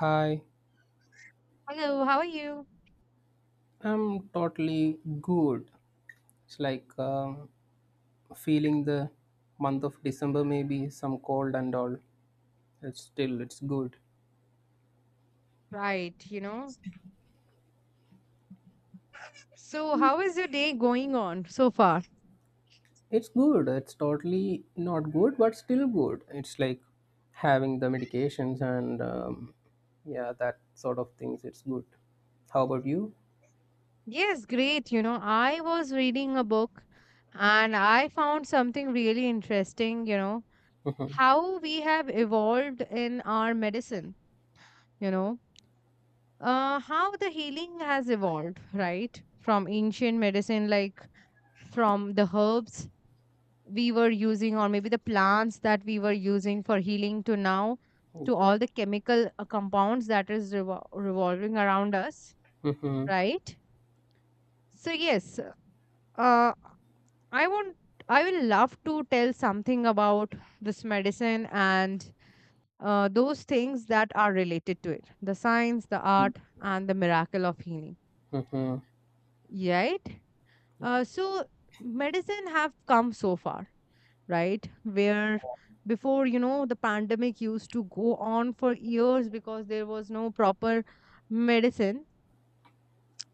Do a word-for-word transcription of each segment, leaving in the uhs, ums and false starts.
Hi, Hello, how are you? I'm totally good. It's like um, feeling the month of December, maybe some cold and all. It's still it's good. Right, you know. So, how is your day going on so far? It's good. It's totally not good, but still good. It's like having the medications and um, yeah, that sort of things. It's good. How about you? Yes, great. You know, I was reading a book and I found something really interesting, you know, how we have evolved in our medicine, you know, uh, how the healing has evolved, right? From ancient medicine, like from the herbs we were using or maybe the plants that we were using for healing to now, to Okay. all the chemical uh, compounds that is revol- revolving around us, Mm-hmm. right? So yes, uh, I want, I will love to tell something about this medicine and uh, those things that are related to it, the science, the art, and the miracle of healing, Mm-hmm. right? Uh, so medicine have come so far, right? Where before, you know, the pandemic used to go on for years because there was no proper medicine.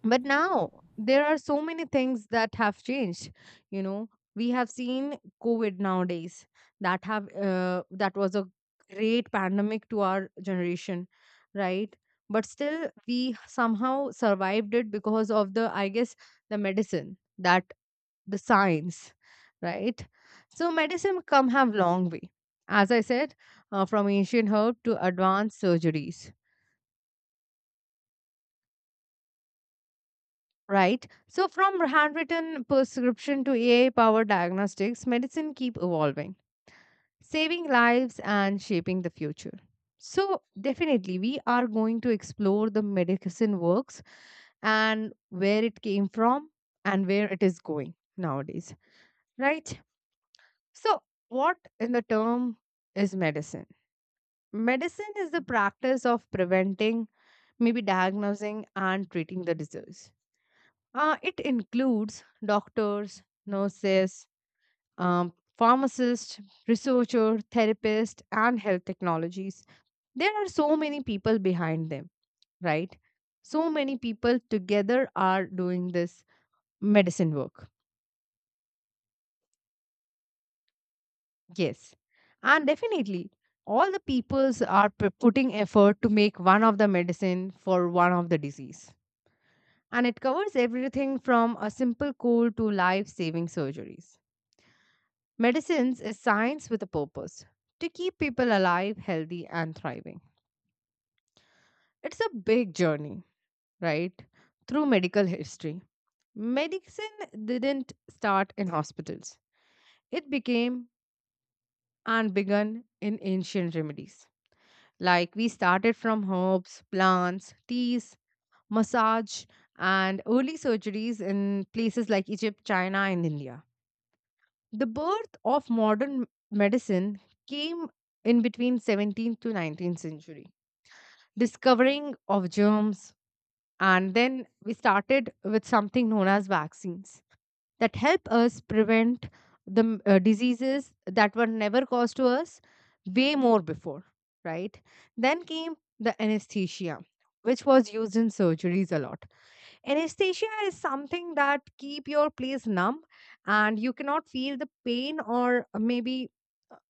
But now there are so many things that have changed. You know, we have seen COVID nowadays that have uh, that was a great pandemic to our generation, right? But still, we somehow survived it because of the, I guess, the medicine, that the science, right? So medicine come have long way, as I said, uh, from ancient herb to advanced surgeries, right? So from handwritten prescription to A I-powered diagnostics, medicine keep evolving, saving lives and shaping the future. So definitely, we are going to explore the medicine works and where it came from and where it is going nowadays, right? So what in the term is medicine? Medicine is the practice of preventing, maybe diagnosing, and treating the disease. Uh, it includes doctors, nurses, um, pharmacists, researchers, therapists, and health technologies. There are so many people behind them, right? So many people together are doing this medicine work. Yes. And definitely, all the peoples are p- putting effort to make one of the medicine for one of the disease, and it covers everything from a simple cold to life saving surgeries. Medicines is science with a purpose to keep people alive, healthy, and thriving. It's a big journey, right? Through medical history. Medicine didn't start in hospitals, it became and began in ancient remedies. Like we started from herbs, plants, teas, massage, and early surgeries in places like Egypt, China, and India. The birth of modern medicine came in between seventeenth to nineteenth century. Discovering of germs, and then we started with something known as vaccines that help us prevent the m- uh, diseases that were never caused to us way more before, right? Then came the anesthesia, which was used in surgeries a lot. Anesthesia is something that keep your place numb and you cannot feel the pain, or maybe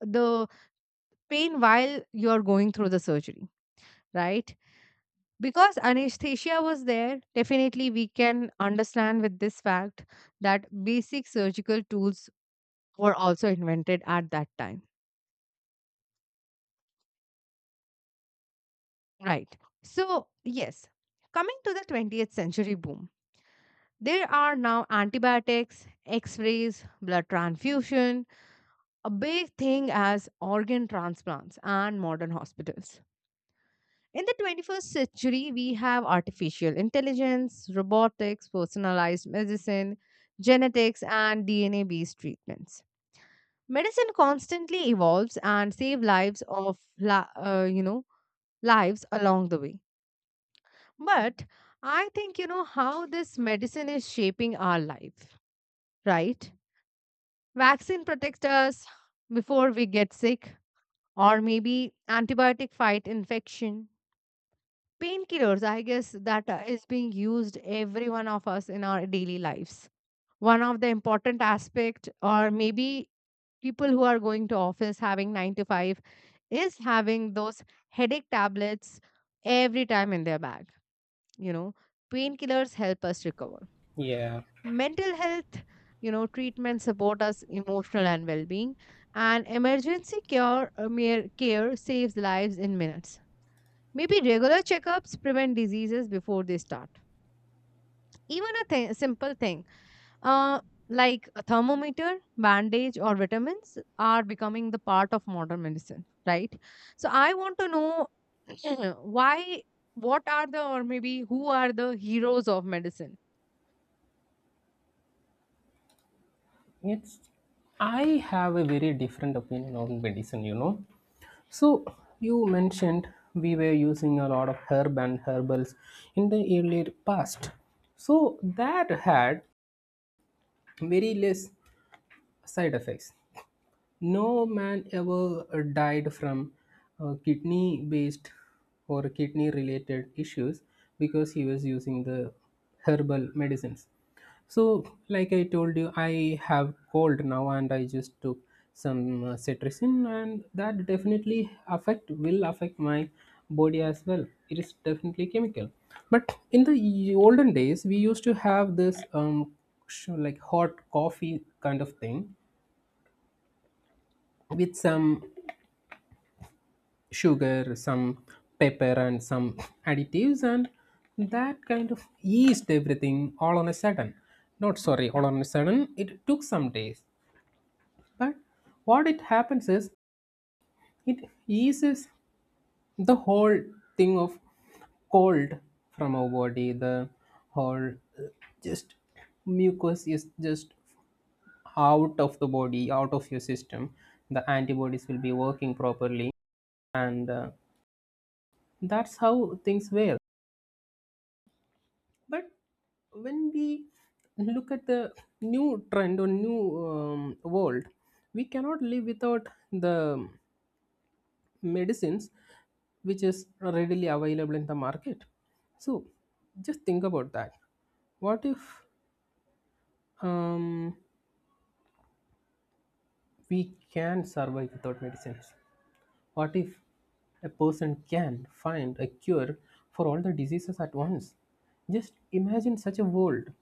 the pain while you're going through the surgery, right? Because anesthesia was there, definitely we can understand with this fact that basic surgical tools were also invented at that time, right? So, yes, coming to the twentieth century boom, there are now antibiotics, x rays, blood transfusion, a big thing as organ transplants and modern hospitals. In the twenty-first century, we have artificial intelligence, robotics, personalized medicine, genetics, and D N A based treatments. Medicine constantly evolves and save lives of la- uh, you know, lives along the way. But I think you know how this medicine is shaping our life, right? Vaccine protects us before we get sick, or maybe antibiotic fight infection. Painkillers, I guess that uh, is being used every one of us in our daily lives. One of the important aspect, or maybe people who are going to office having nine to five, is having those headache tablets every time in their bag. You know, painkillers help us recover. Yeah. Mental health, you know, treatment support us emotional and well-being, and emergency care uh, mere care saves lives in minutes. Maybe regular checkups prevent diseases before they start. Even a thing, simple thing, uh, like a thermometer, bandage, or vitamins are becoming the part of modern medicine, right? So I want to know why, what are the, or maybe who are the heroes of medicine? It's. I have a very different opinion on medicine. You know. So you mentioned we were using a lot of herb and herbals in the earlier past. So that had very less side effects. No man ever uh, died from uh, kidney based or kidney related issues because he was using the herbal medicines. So, like I told you, I have cold now, and I just took some uh, cetirizine, and that definitely affect will affect my body as well. It is definitely chemical. But in the y- olden days, we used to have this um sh- like hot coffee kind of thing with some sugar, some pepper, and some additives, and that kind of yeast everything all on a sudden. Not sorry, all on a sudden. It took some days. But what it happens is it eases the whole thing of cold from our body. The whole uh, just mucus is just out of the body, out of your system. The antibodies will be working properly, and uh, that's how things were. But when we look at the new trend or new um, world, we cannot live without the medicines which is readily available in the market. So just think about that. What if um, we can survive without medicines? What if a person can find a cure for all the diseases at once? Just imagine such a world.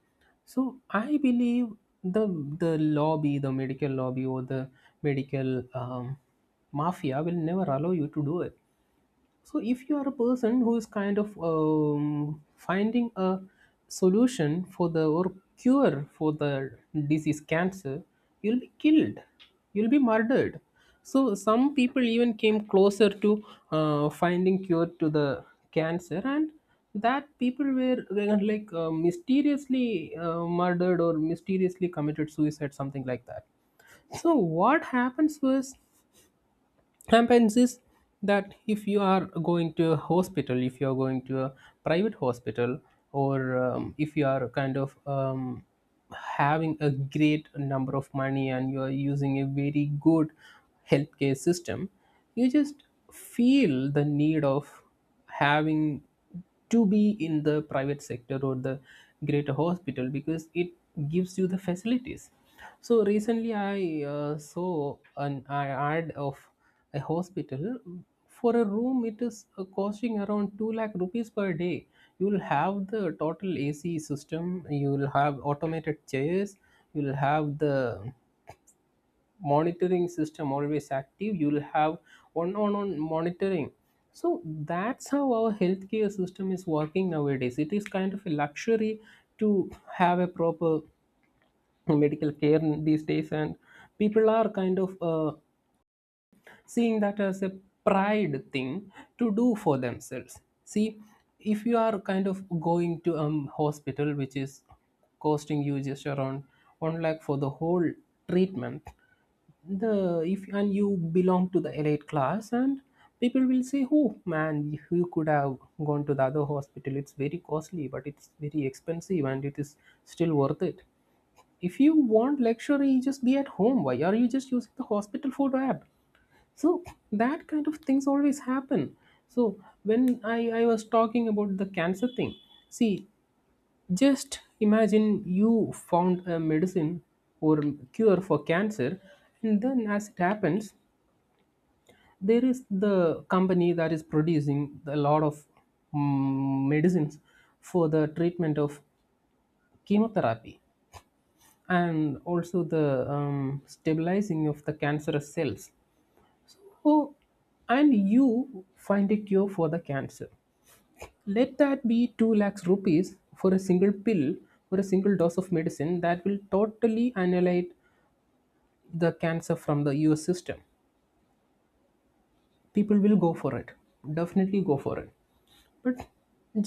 So I believe the the lobby, the medical lobby or the medical um, mafia will never allow you to do it. So, if you are a person who is kind of um, finding a solution for the or cure for the disease cancer, you'll be killed, you'll be murdered. So, some people even came closer to uh, finding cure to the cancer, and that people were uh, like uh, mysteriously uh, murdered or mysteriously committed suicide, something like that. So, what happens was happens is that if you are going to a hospital, if you are going to a private hospital, or um, if you are kind of um, having a great number of money and you are using a very good healthcare system, you just feel the need of having to be in the private sector or the greater hospital because it gives you the facilities. So recently I uh, saw an ad of a hospital. For a room, it is uh, costing around two lakh rupees per day. You will have the total A C system, you will have automated chairs, you will have the monitoring system always active, you will have one on one monitoring. So that's how our healthcare system is working nowadays. It is kind of a luxury to have a proper medical care in these days, and people are kind of uh, seeing that as a pride thing to do for themselves. See, if you are kind of going to a um, hospital which is costing you just around one lakh for the whole treatment, the if and you belong to the elite class, and people will say, oh man, you could have gone to the other hospital. It's very costly, but it's very expensive and it is still worth it. If you want luxury, just be at home. Why are you just using the hospital food app? So that kind of things always happen. So when i i was talking about the cancer thing, see, just imagine you found a medicine or cure for cancer, and then as it happens, there is the company that is producing a lot of mm, medicines for the treatment of chemotherapy and also the um, stabilizing of the cancerous cells. Oh, and you find a cure for the cancer. Let that be two lakhs rupees for a single pill or a single dose of medicine that will totally annihilate the cancer from the U S system. People will go for it, definitely go for it. But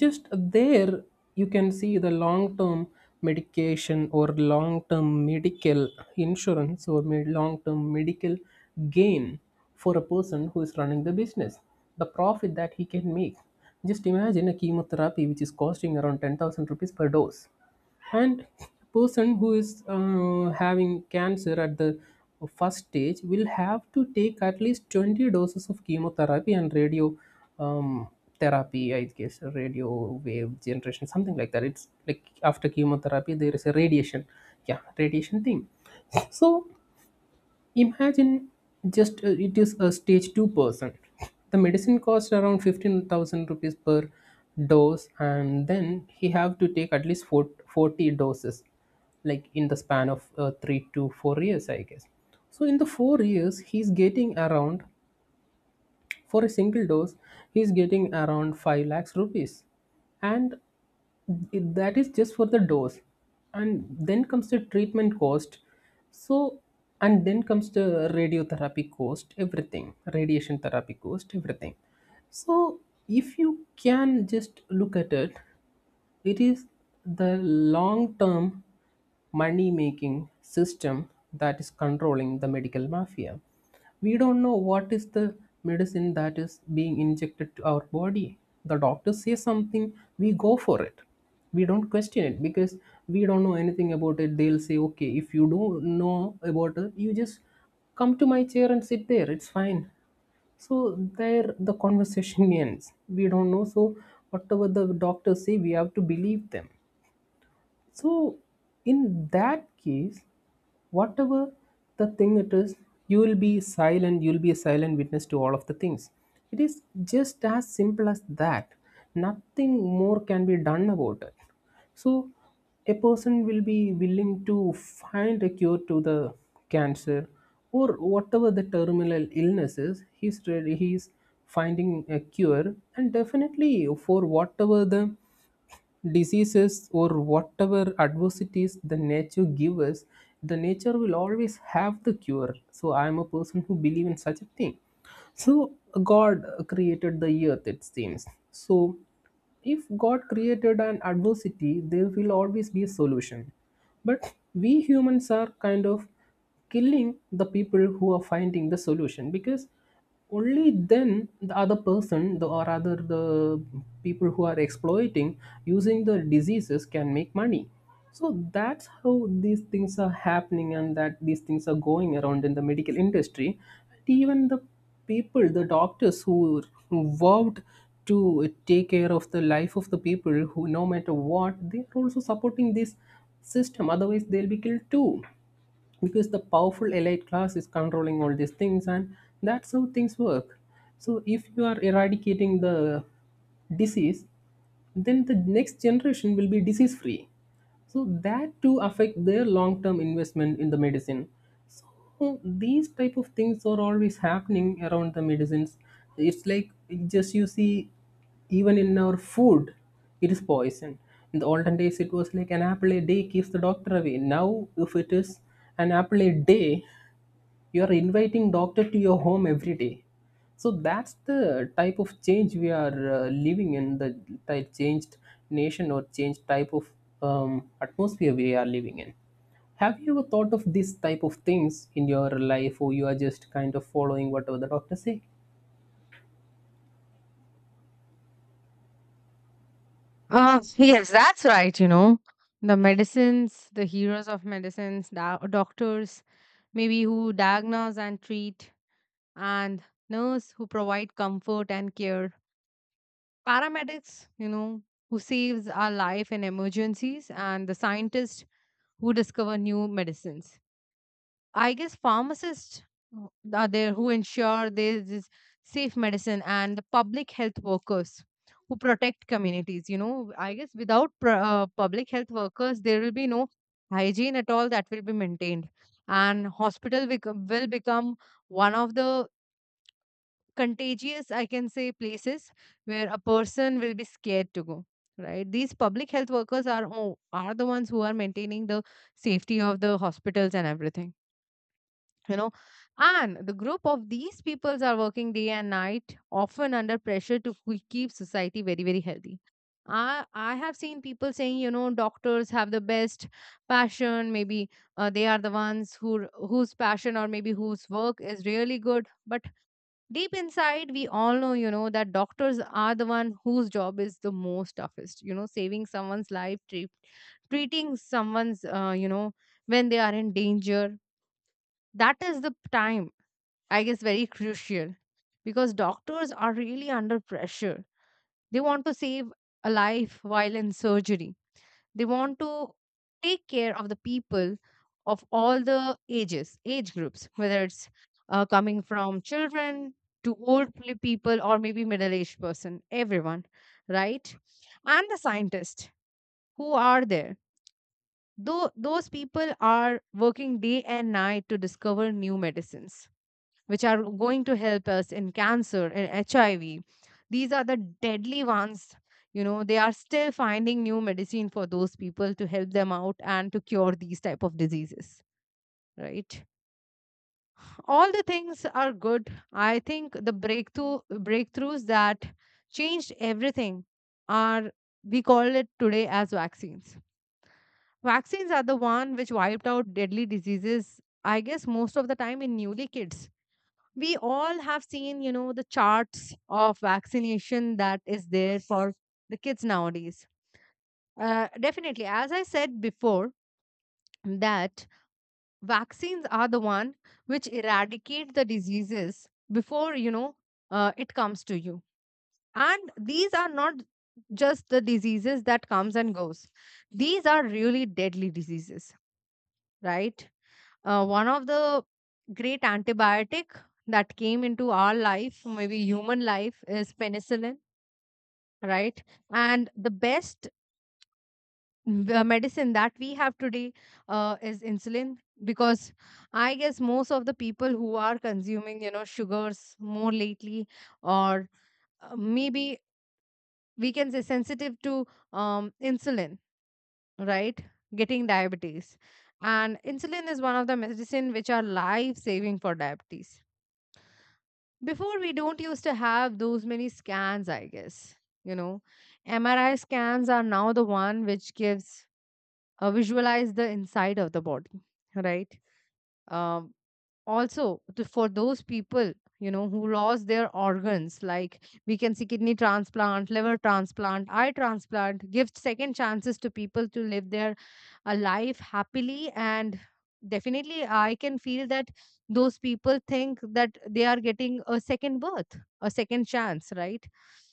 just there, you can see the long term medication or long term medical insurance or long term medical gain for a person who is running the business, the profit that he can make. Just imagine a chemotherapy which is costing around ten thousand rupees per dose. And person who is uh, having cancer at the first stage will have to take at least twenty doses of chemotherapy and radio um, therapy, I guess, radio wave generation, something like that. It's like after chemotherapy there is a radiation. Yeah, radiation thing. So imagine, just uh, it is a stage two person. The medicine costs around fifteen thousand rupees per dose, and then he have to take at least four forty doses, like in the span of uh, three to four years, I guess. So in the four years he's getting around, for a single dose, he is getting around five lakhs rupees. And it- that is just for the dose. And then comes the treatment cost. So, and then comes the radiotherapy cost, everything, radiation therapy cost, everything. So, if you can just look at it, it is the long term money making system that is controlling the medical mafia. We don't know what is the medicine that is being injected to our body. The doctor says something, we go for it. We don't question it because we don't know anything about it. They'll say, okay, if you don't know about it, you just come to my chair and sit there. It's fine. So there the conversation ends. We don't know. So whatever the doctors say, we have to believe them. So, in that case, whatever the thing it is, you will be silent, you will be a silent witness to all of the things. It is just as simple as that. Nothing more can be done about it. So, a person will be willing to find a cure to the cancer or whatever the terminal illness is, he's ready, he's finding a cure, and definitely for whatever the diseases or whatever adversities the nature gives us, the nature will always have the cure. So I am a person who believe in such a thing. So God created the earth, it seems. So if God created an adversity, there will always be a solution. But we humans are kind of killing the people who are finding the solution because only then the other person, the, or rather the people who are exploiting using the diseases can make money. So that's how these things are happening, and that these things are going around in the medical industry. And even the people, the doctors who vowed to take care of the life of the people, who no matter what, they are also supporting this system. Otherwise they'll be killed too, because the powerful elite class is controlling all these things, and that's how things work. So if you are eradicating the disease, then the next generation will be disease free. So that to affect their long term investment in the medicine. So, oh, these type of things are always happening around the medicines. It's like, just you see, even in our food it is poison. In the olden days, it was like an apple a day keeps the doctor away. Now if it is an apple a day, you are inviting doctor to your home every day. So that's the type of change we are uh, living in, the type changed nation or changed type of um, atmosphere we are living in. Have you ever thought of this type of things in your life, or you are just kind of following whatever the doctor say? Uh, yes, that's right. You know, the medicines, the heroes of medicines, da- doctors, maybe who diagnose and treat, and nurse who provide comfort and care, paramedics, you know, who saves our life in emergencies, and the scientists who discover new medicines. I guess pharmacists who- are there who ensure there is safe medicine, and the public health workers who protect communities. You know, I guess without pr- uh, public health workers, there will be no hygiene at all that will be maintained, and hospital bec- will become one of the contagious, I can say, places where a person will be scared to go. Right, these public health workers are o- are the ones who are maintaining the safety of the hospitals and everything. You know, and the group of these peoples are working day and night, often under pressure to ke- keep society very very healthy. I I have seen people saying, you know, doctors have the best passion. Maybe uh, they are the ones who whose passion, or maybe whose work is really good, but deep inside we all know, you know, that doctors are the one whose job is the most toughest, you know, saving someone's life, treat, treating someone's uh, you know, when they are in danger, that is the time, I guess, very crucial, because doctors are really under pressure. They want to save a life while in surgery. They want to take care of the people of all the ages, age groups, whether it's uh, coming from children to old pe- people, or maybe middle aged person, everyone, right? And the scientists who are there. Though those people are working day and night to discover new medicines which are going to help us in cancer and H I V. These are the deadly ones. You know, they are still finding new medicine for those people to help them out and to cure these type of diseases. Right. All the things are good. I think the breakthrough breakthroughs that changed everything are, we call it today as vaccines. Vaccines are the one which wiped out deadly diseases, I guess most of the time in newly kids. We all have seen, you know, the charts of vaccination that is there for the kids nowadays. Uh, definitely, as I said before, that vaccines are the one which eradicate the diseases before, you know, uh, it comes to you, and these are not just the diseases that comes and goes, these are really deadly diseases, right? Uh, one of the great antibiotic that came into our life, maybe human life, is penicillin, right? And the best uh, medicine that we have today uh, is insulin, because I guess most of the people who are consuming, you know, sugars more lately, or uh, maybe we can say sensitive to um, insulin, right? Getting diabetes. And insulin is one of the medicine which are life saving for diabetes. Before we don't used to have those many scans, I guess. You know, M R I scans are now the one which gives uh, visualize the inside of the body, right? Um, Also, to, for those people, you know, who lost their organs, like we can see kidney transplant, liver transplant, eye transplant, gives second chances to people to live their a life happily, and definitely I can feel that those people think that they are getting a second birth, a second chance, right?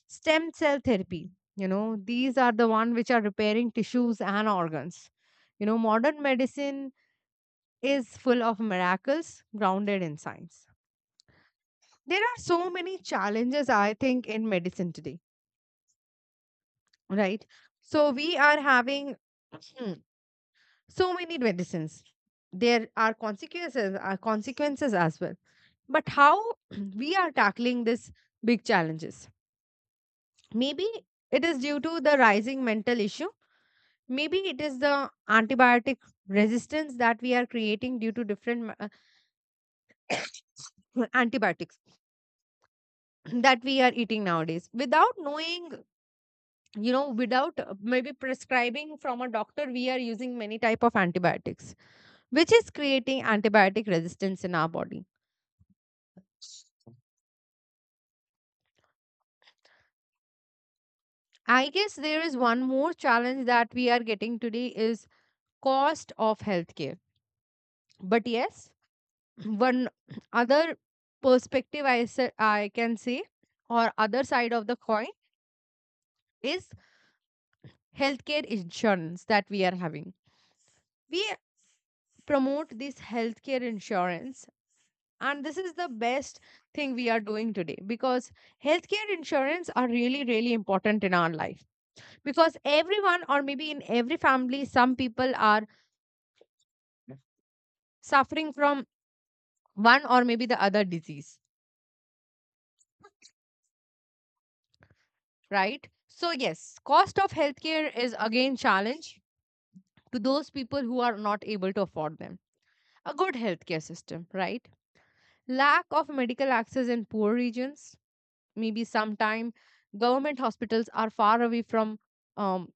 Stem cell therapy, you know, these are the one which are repairing tissues and organs. You know, modern medicine is full of miracles grounded in science. There are so many challenges, I think, in medicine today, right? So we are having so many medicines, there are consequences, are consequences as well. But how we are tackling this big challenges? Maybe it is due to the rising mental issue, maybe it is the antibiotic resistance that we are creating due to different uh, antibiotics that we are eating nowadays without knowing, you know, without uh, maybe prescribing from a doctor, we are using many type of antibiotics which is creating antibiotic resistance in our body. I guess there is one more challenge that we are getting today is cost of healthcare. But yes, one other perspective I sa- I can say, or other side of the coin, is healthcare insurance that we are having. We promote this healthcare insurance, and this is the best thing we are doing today, because healthcare insurance are really really important in our life, because everyone or maybe in every family some people are suffering from one or maybe the other disease, right? So yes, cost of healthcare is again challenge to those people who are not able to afford them a good healthcare system, right? Lack of medical access in poor regions. Maybe sometime government hospitals are far away from um,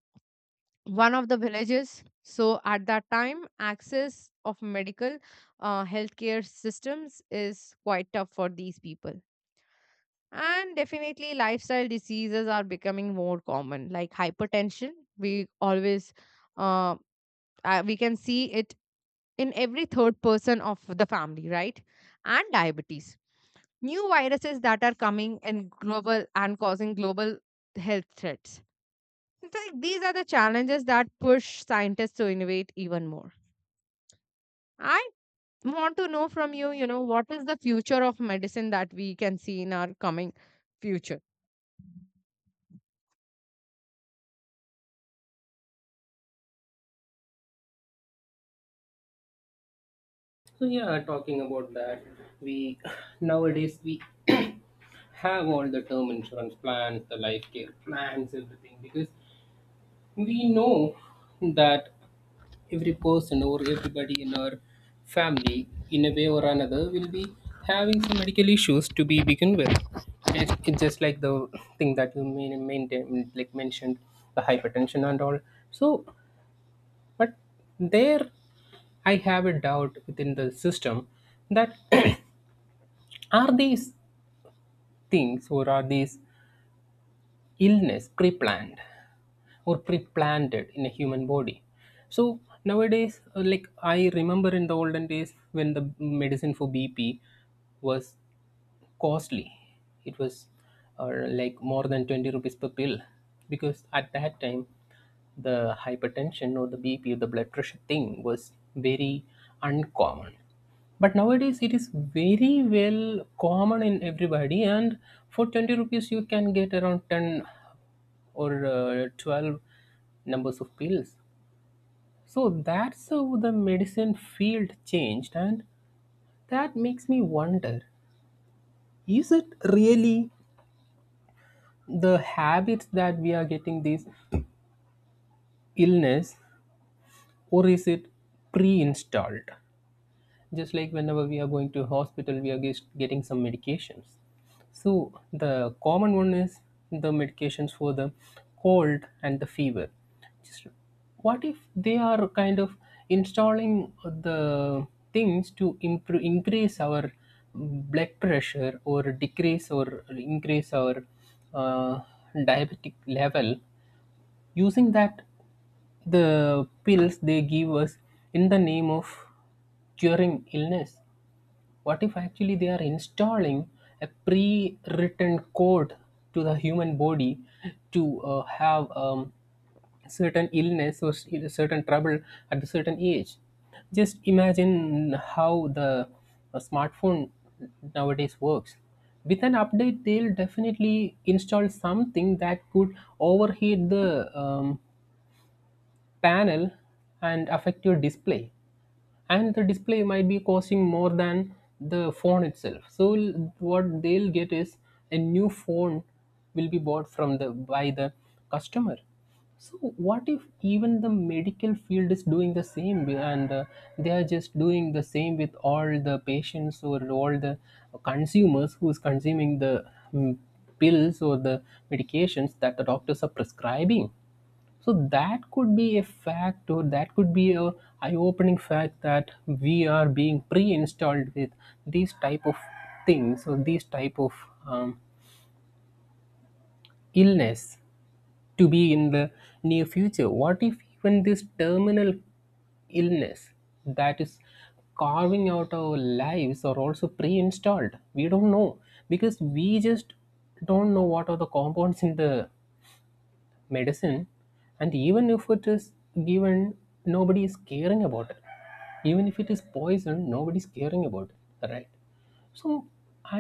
one of the villages, so at that time access of medical uh, healthcare systems is quite tough for these people. And definitely, lifestyle diseases are becoming more common, like hypertension. We always, uh, uh, we can see it in every third person of the family, right? And diabetes. New viruses that are coming in global and causing global health threats. It's like these are the challenges that push scientists to innovate even more. I want to know from you, you know, what is the future of medicine that we can see in our coming future? So yeah, talking about that, we nowadays we have all the term insurance plans, the life care plans, everything, because we know that every person or everybody in our family in a way or another will be having some medical issues to be begin with. It's, it's just like the thing that you main, maintain, like mentioned, the hypertension and all. So but there, I have a doubt within the system that are these things or are these illness pre-planned or pre-planted in a human body? So nowadays uh, like I remember in the olden days when the medicine for B P was costly. It was uh, like more than twenty rupees per pill because at that time the hypertension or the B P or the blood pressure thing was very uncommon. But nowadays it is very well common in everybody, and for twenty rupees you can get around ten or uh, twelve numbers of pills. So that's how the medicine field changed, and that makes me wonder, is it really the habits that we are getting this illness, or is it pre-installed? Just like whenever We are going to hospital, we are just getting some medications. So the common one is the medications for the cold and the fever. Just what if they are kind of installing the things to improve, increase our blood pressure, or decrease or increase our uh, diabetic level using that, the pills they give us in the name of curing illness? What if actually they are installing a pre-written code to the human body to uh, have um, certain illness or s- certain trouble at a certain age? Just imagine how the uh, smartphone nowadays works. With an update, they'll definitely install something that could overheat the um, panel and affect your display, and the display might be costing more than the phone itself. So l- what they'll get is a new phone will be bought from the by the customer. So what if even the medical field is doing the same, and uh, they are just doing the same with all the patients or all the consumers who is consuming the mm, pills or the medications that the doctors are prescribing? So that could be a fact, or that could be a eye-opening fact that we are being pre-installed with these type of things or these type of um, illness to be in the near future. What if even this terminal illness that is carving out our lives are also pre-installed? We don't know, because we just don't know what are the compounds in the medicine, and even if it is given, nobody is caring about it. Even if it is poison, nobody is caring about it, right? So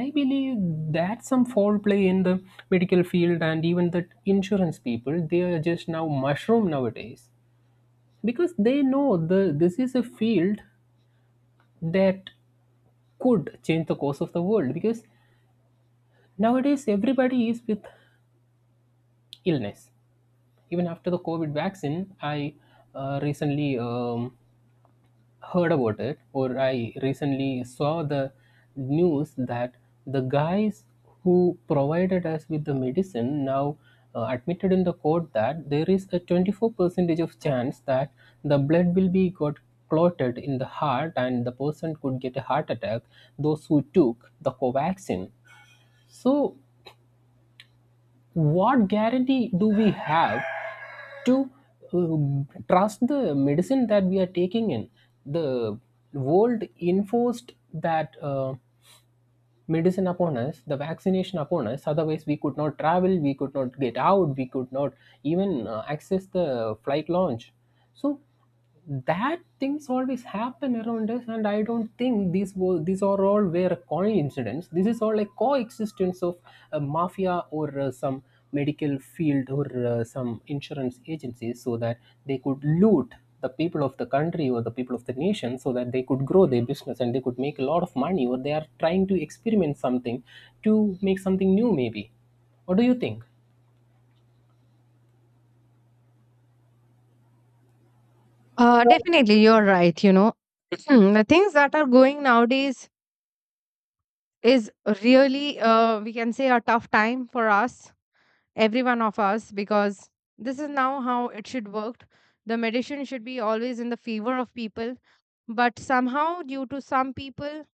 I believe that's some foul play in the medical field, and even the insurance people, they are just now mushroom nowadays, because they know the this is a field that could change the course of the world, because nowadays everybody is with illness. Even after the COVID vaccine, I uh, recently um, heard about it, or I recently saw the news that the guys who provided us with the medicine now uh, admitted in the court that there is a twenty-four percentage of chance that the blood will be got clotted in the heart and the person could get a heart attack, those who took the covaxin. So what guarantee do we have to uh, trust the medicine that we are taking in? The world enforced that uh, medicine upon us, the vaccination upon us. Otherwise, we could not travel, we could not get out, we could not even uh, access the flight launch. So that things always happen around us, and I don't think these wo- these are all were coincidence. This is all a coexistence of a mafia, or uh, some medical field, or uh, some insurance agencies, so that they could loot the people of the country or the people of the nation, so that they could grow their business and they could make a lot of money, or they are trying to experiment something to make something new, maybe. What do you think? Uh, definitely, you're right. You know, the things that are going nowadays is really, uh, we can say, a tough time for us, every one of us, because this is now how it should work. The medicine should be always in the favor of people, but somehow, due to some people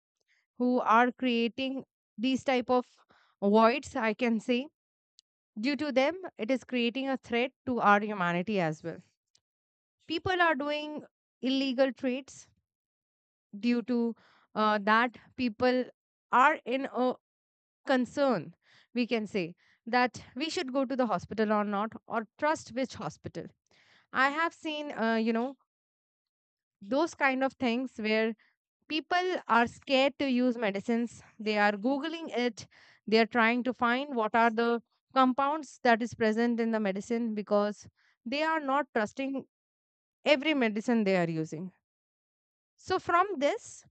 who are creating these type of voids, I can say, due to them it is creating a threat to our humanity as well. People are doing illegal trades. Due to uh, that, people are in a concern, we can say, that we should go to the hospital or not, or trust which hospital. I have seen, uh, you know, those kind of things where people are scared to use medicines. They are googling it, they are trying to find what are the compounds that is present in the medicine, because they are not trusting every medicine they are using. So from this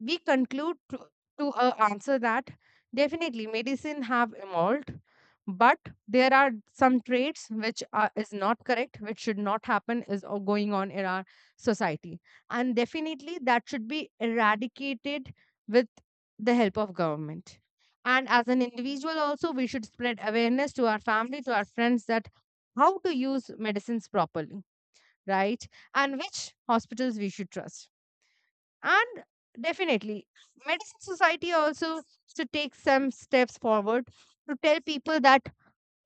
we conclude to, to uh, answer that definitely medicine have evolved, but there are some traits which are, is not correct, which should not happen, is o- going on in our society, and definitely that should be eradicated with the help of government. And as an individual also, we should spread awareness to our family, to our friends, that how to use medicines properly, right? And which hospitals we should trust. And definitely, medicine society also to take some steps forward to tell people that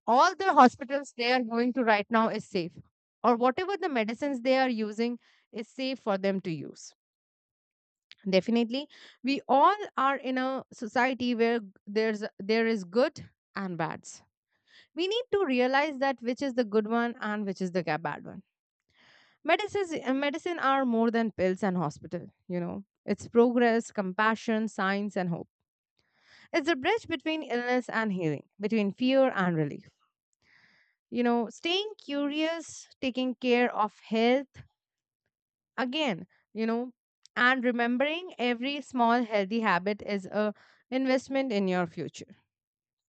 all the hospitals they are going to right now is safe, or whatever the medicines they are using is safe for them to use. Definitely, we all are in a society where there's there is good and bads. We need to realize that which is the good one and which is the ga- bad one. Medicines, uh, medicine are more than pills and hospital, you know. It's progress, compassion, science and hope. It's a bridge between illness and healing, between fear and relief. You know, staying curious, taking care of health again, you know, and remembering every small healthy habit is a investment in your future,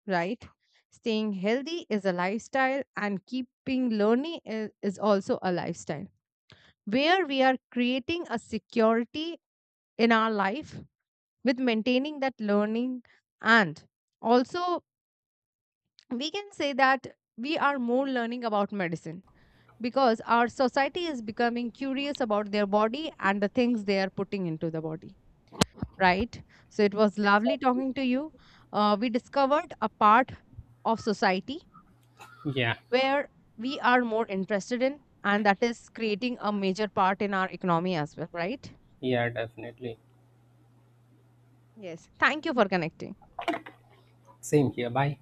right? Staying healthy is a lifestyle, and keeping learning is, is also a lifestyle where we are creating a security in our life with maintaining that learning. And also we can say that we are more learning about medicine, because our society is becoming curious about their body and the things they are putting into the body, right? So it was lovely talking to you. Uh, we discovered a part of society Yeah. where we are more interested in, and that is creating a major part in our economy as well, right? Yeah, definitely. Yes, thank you for connecting. Same here, bye.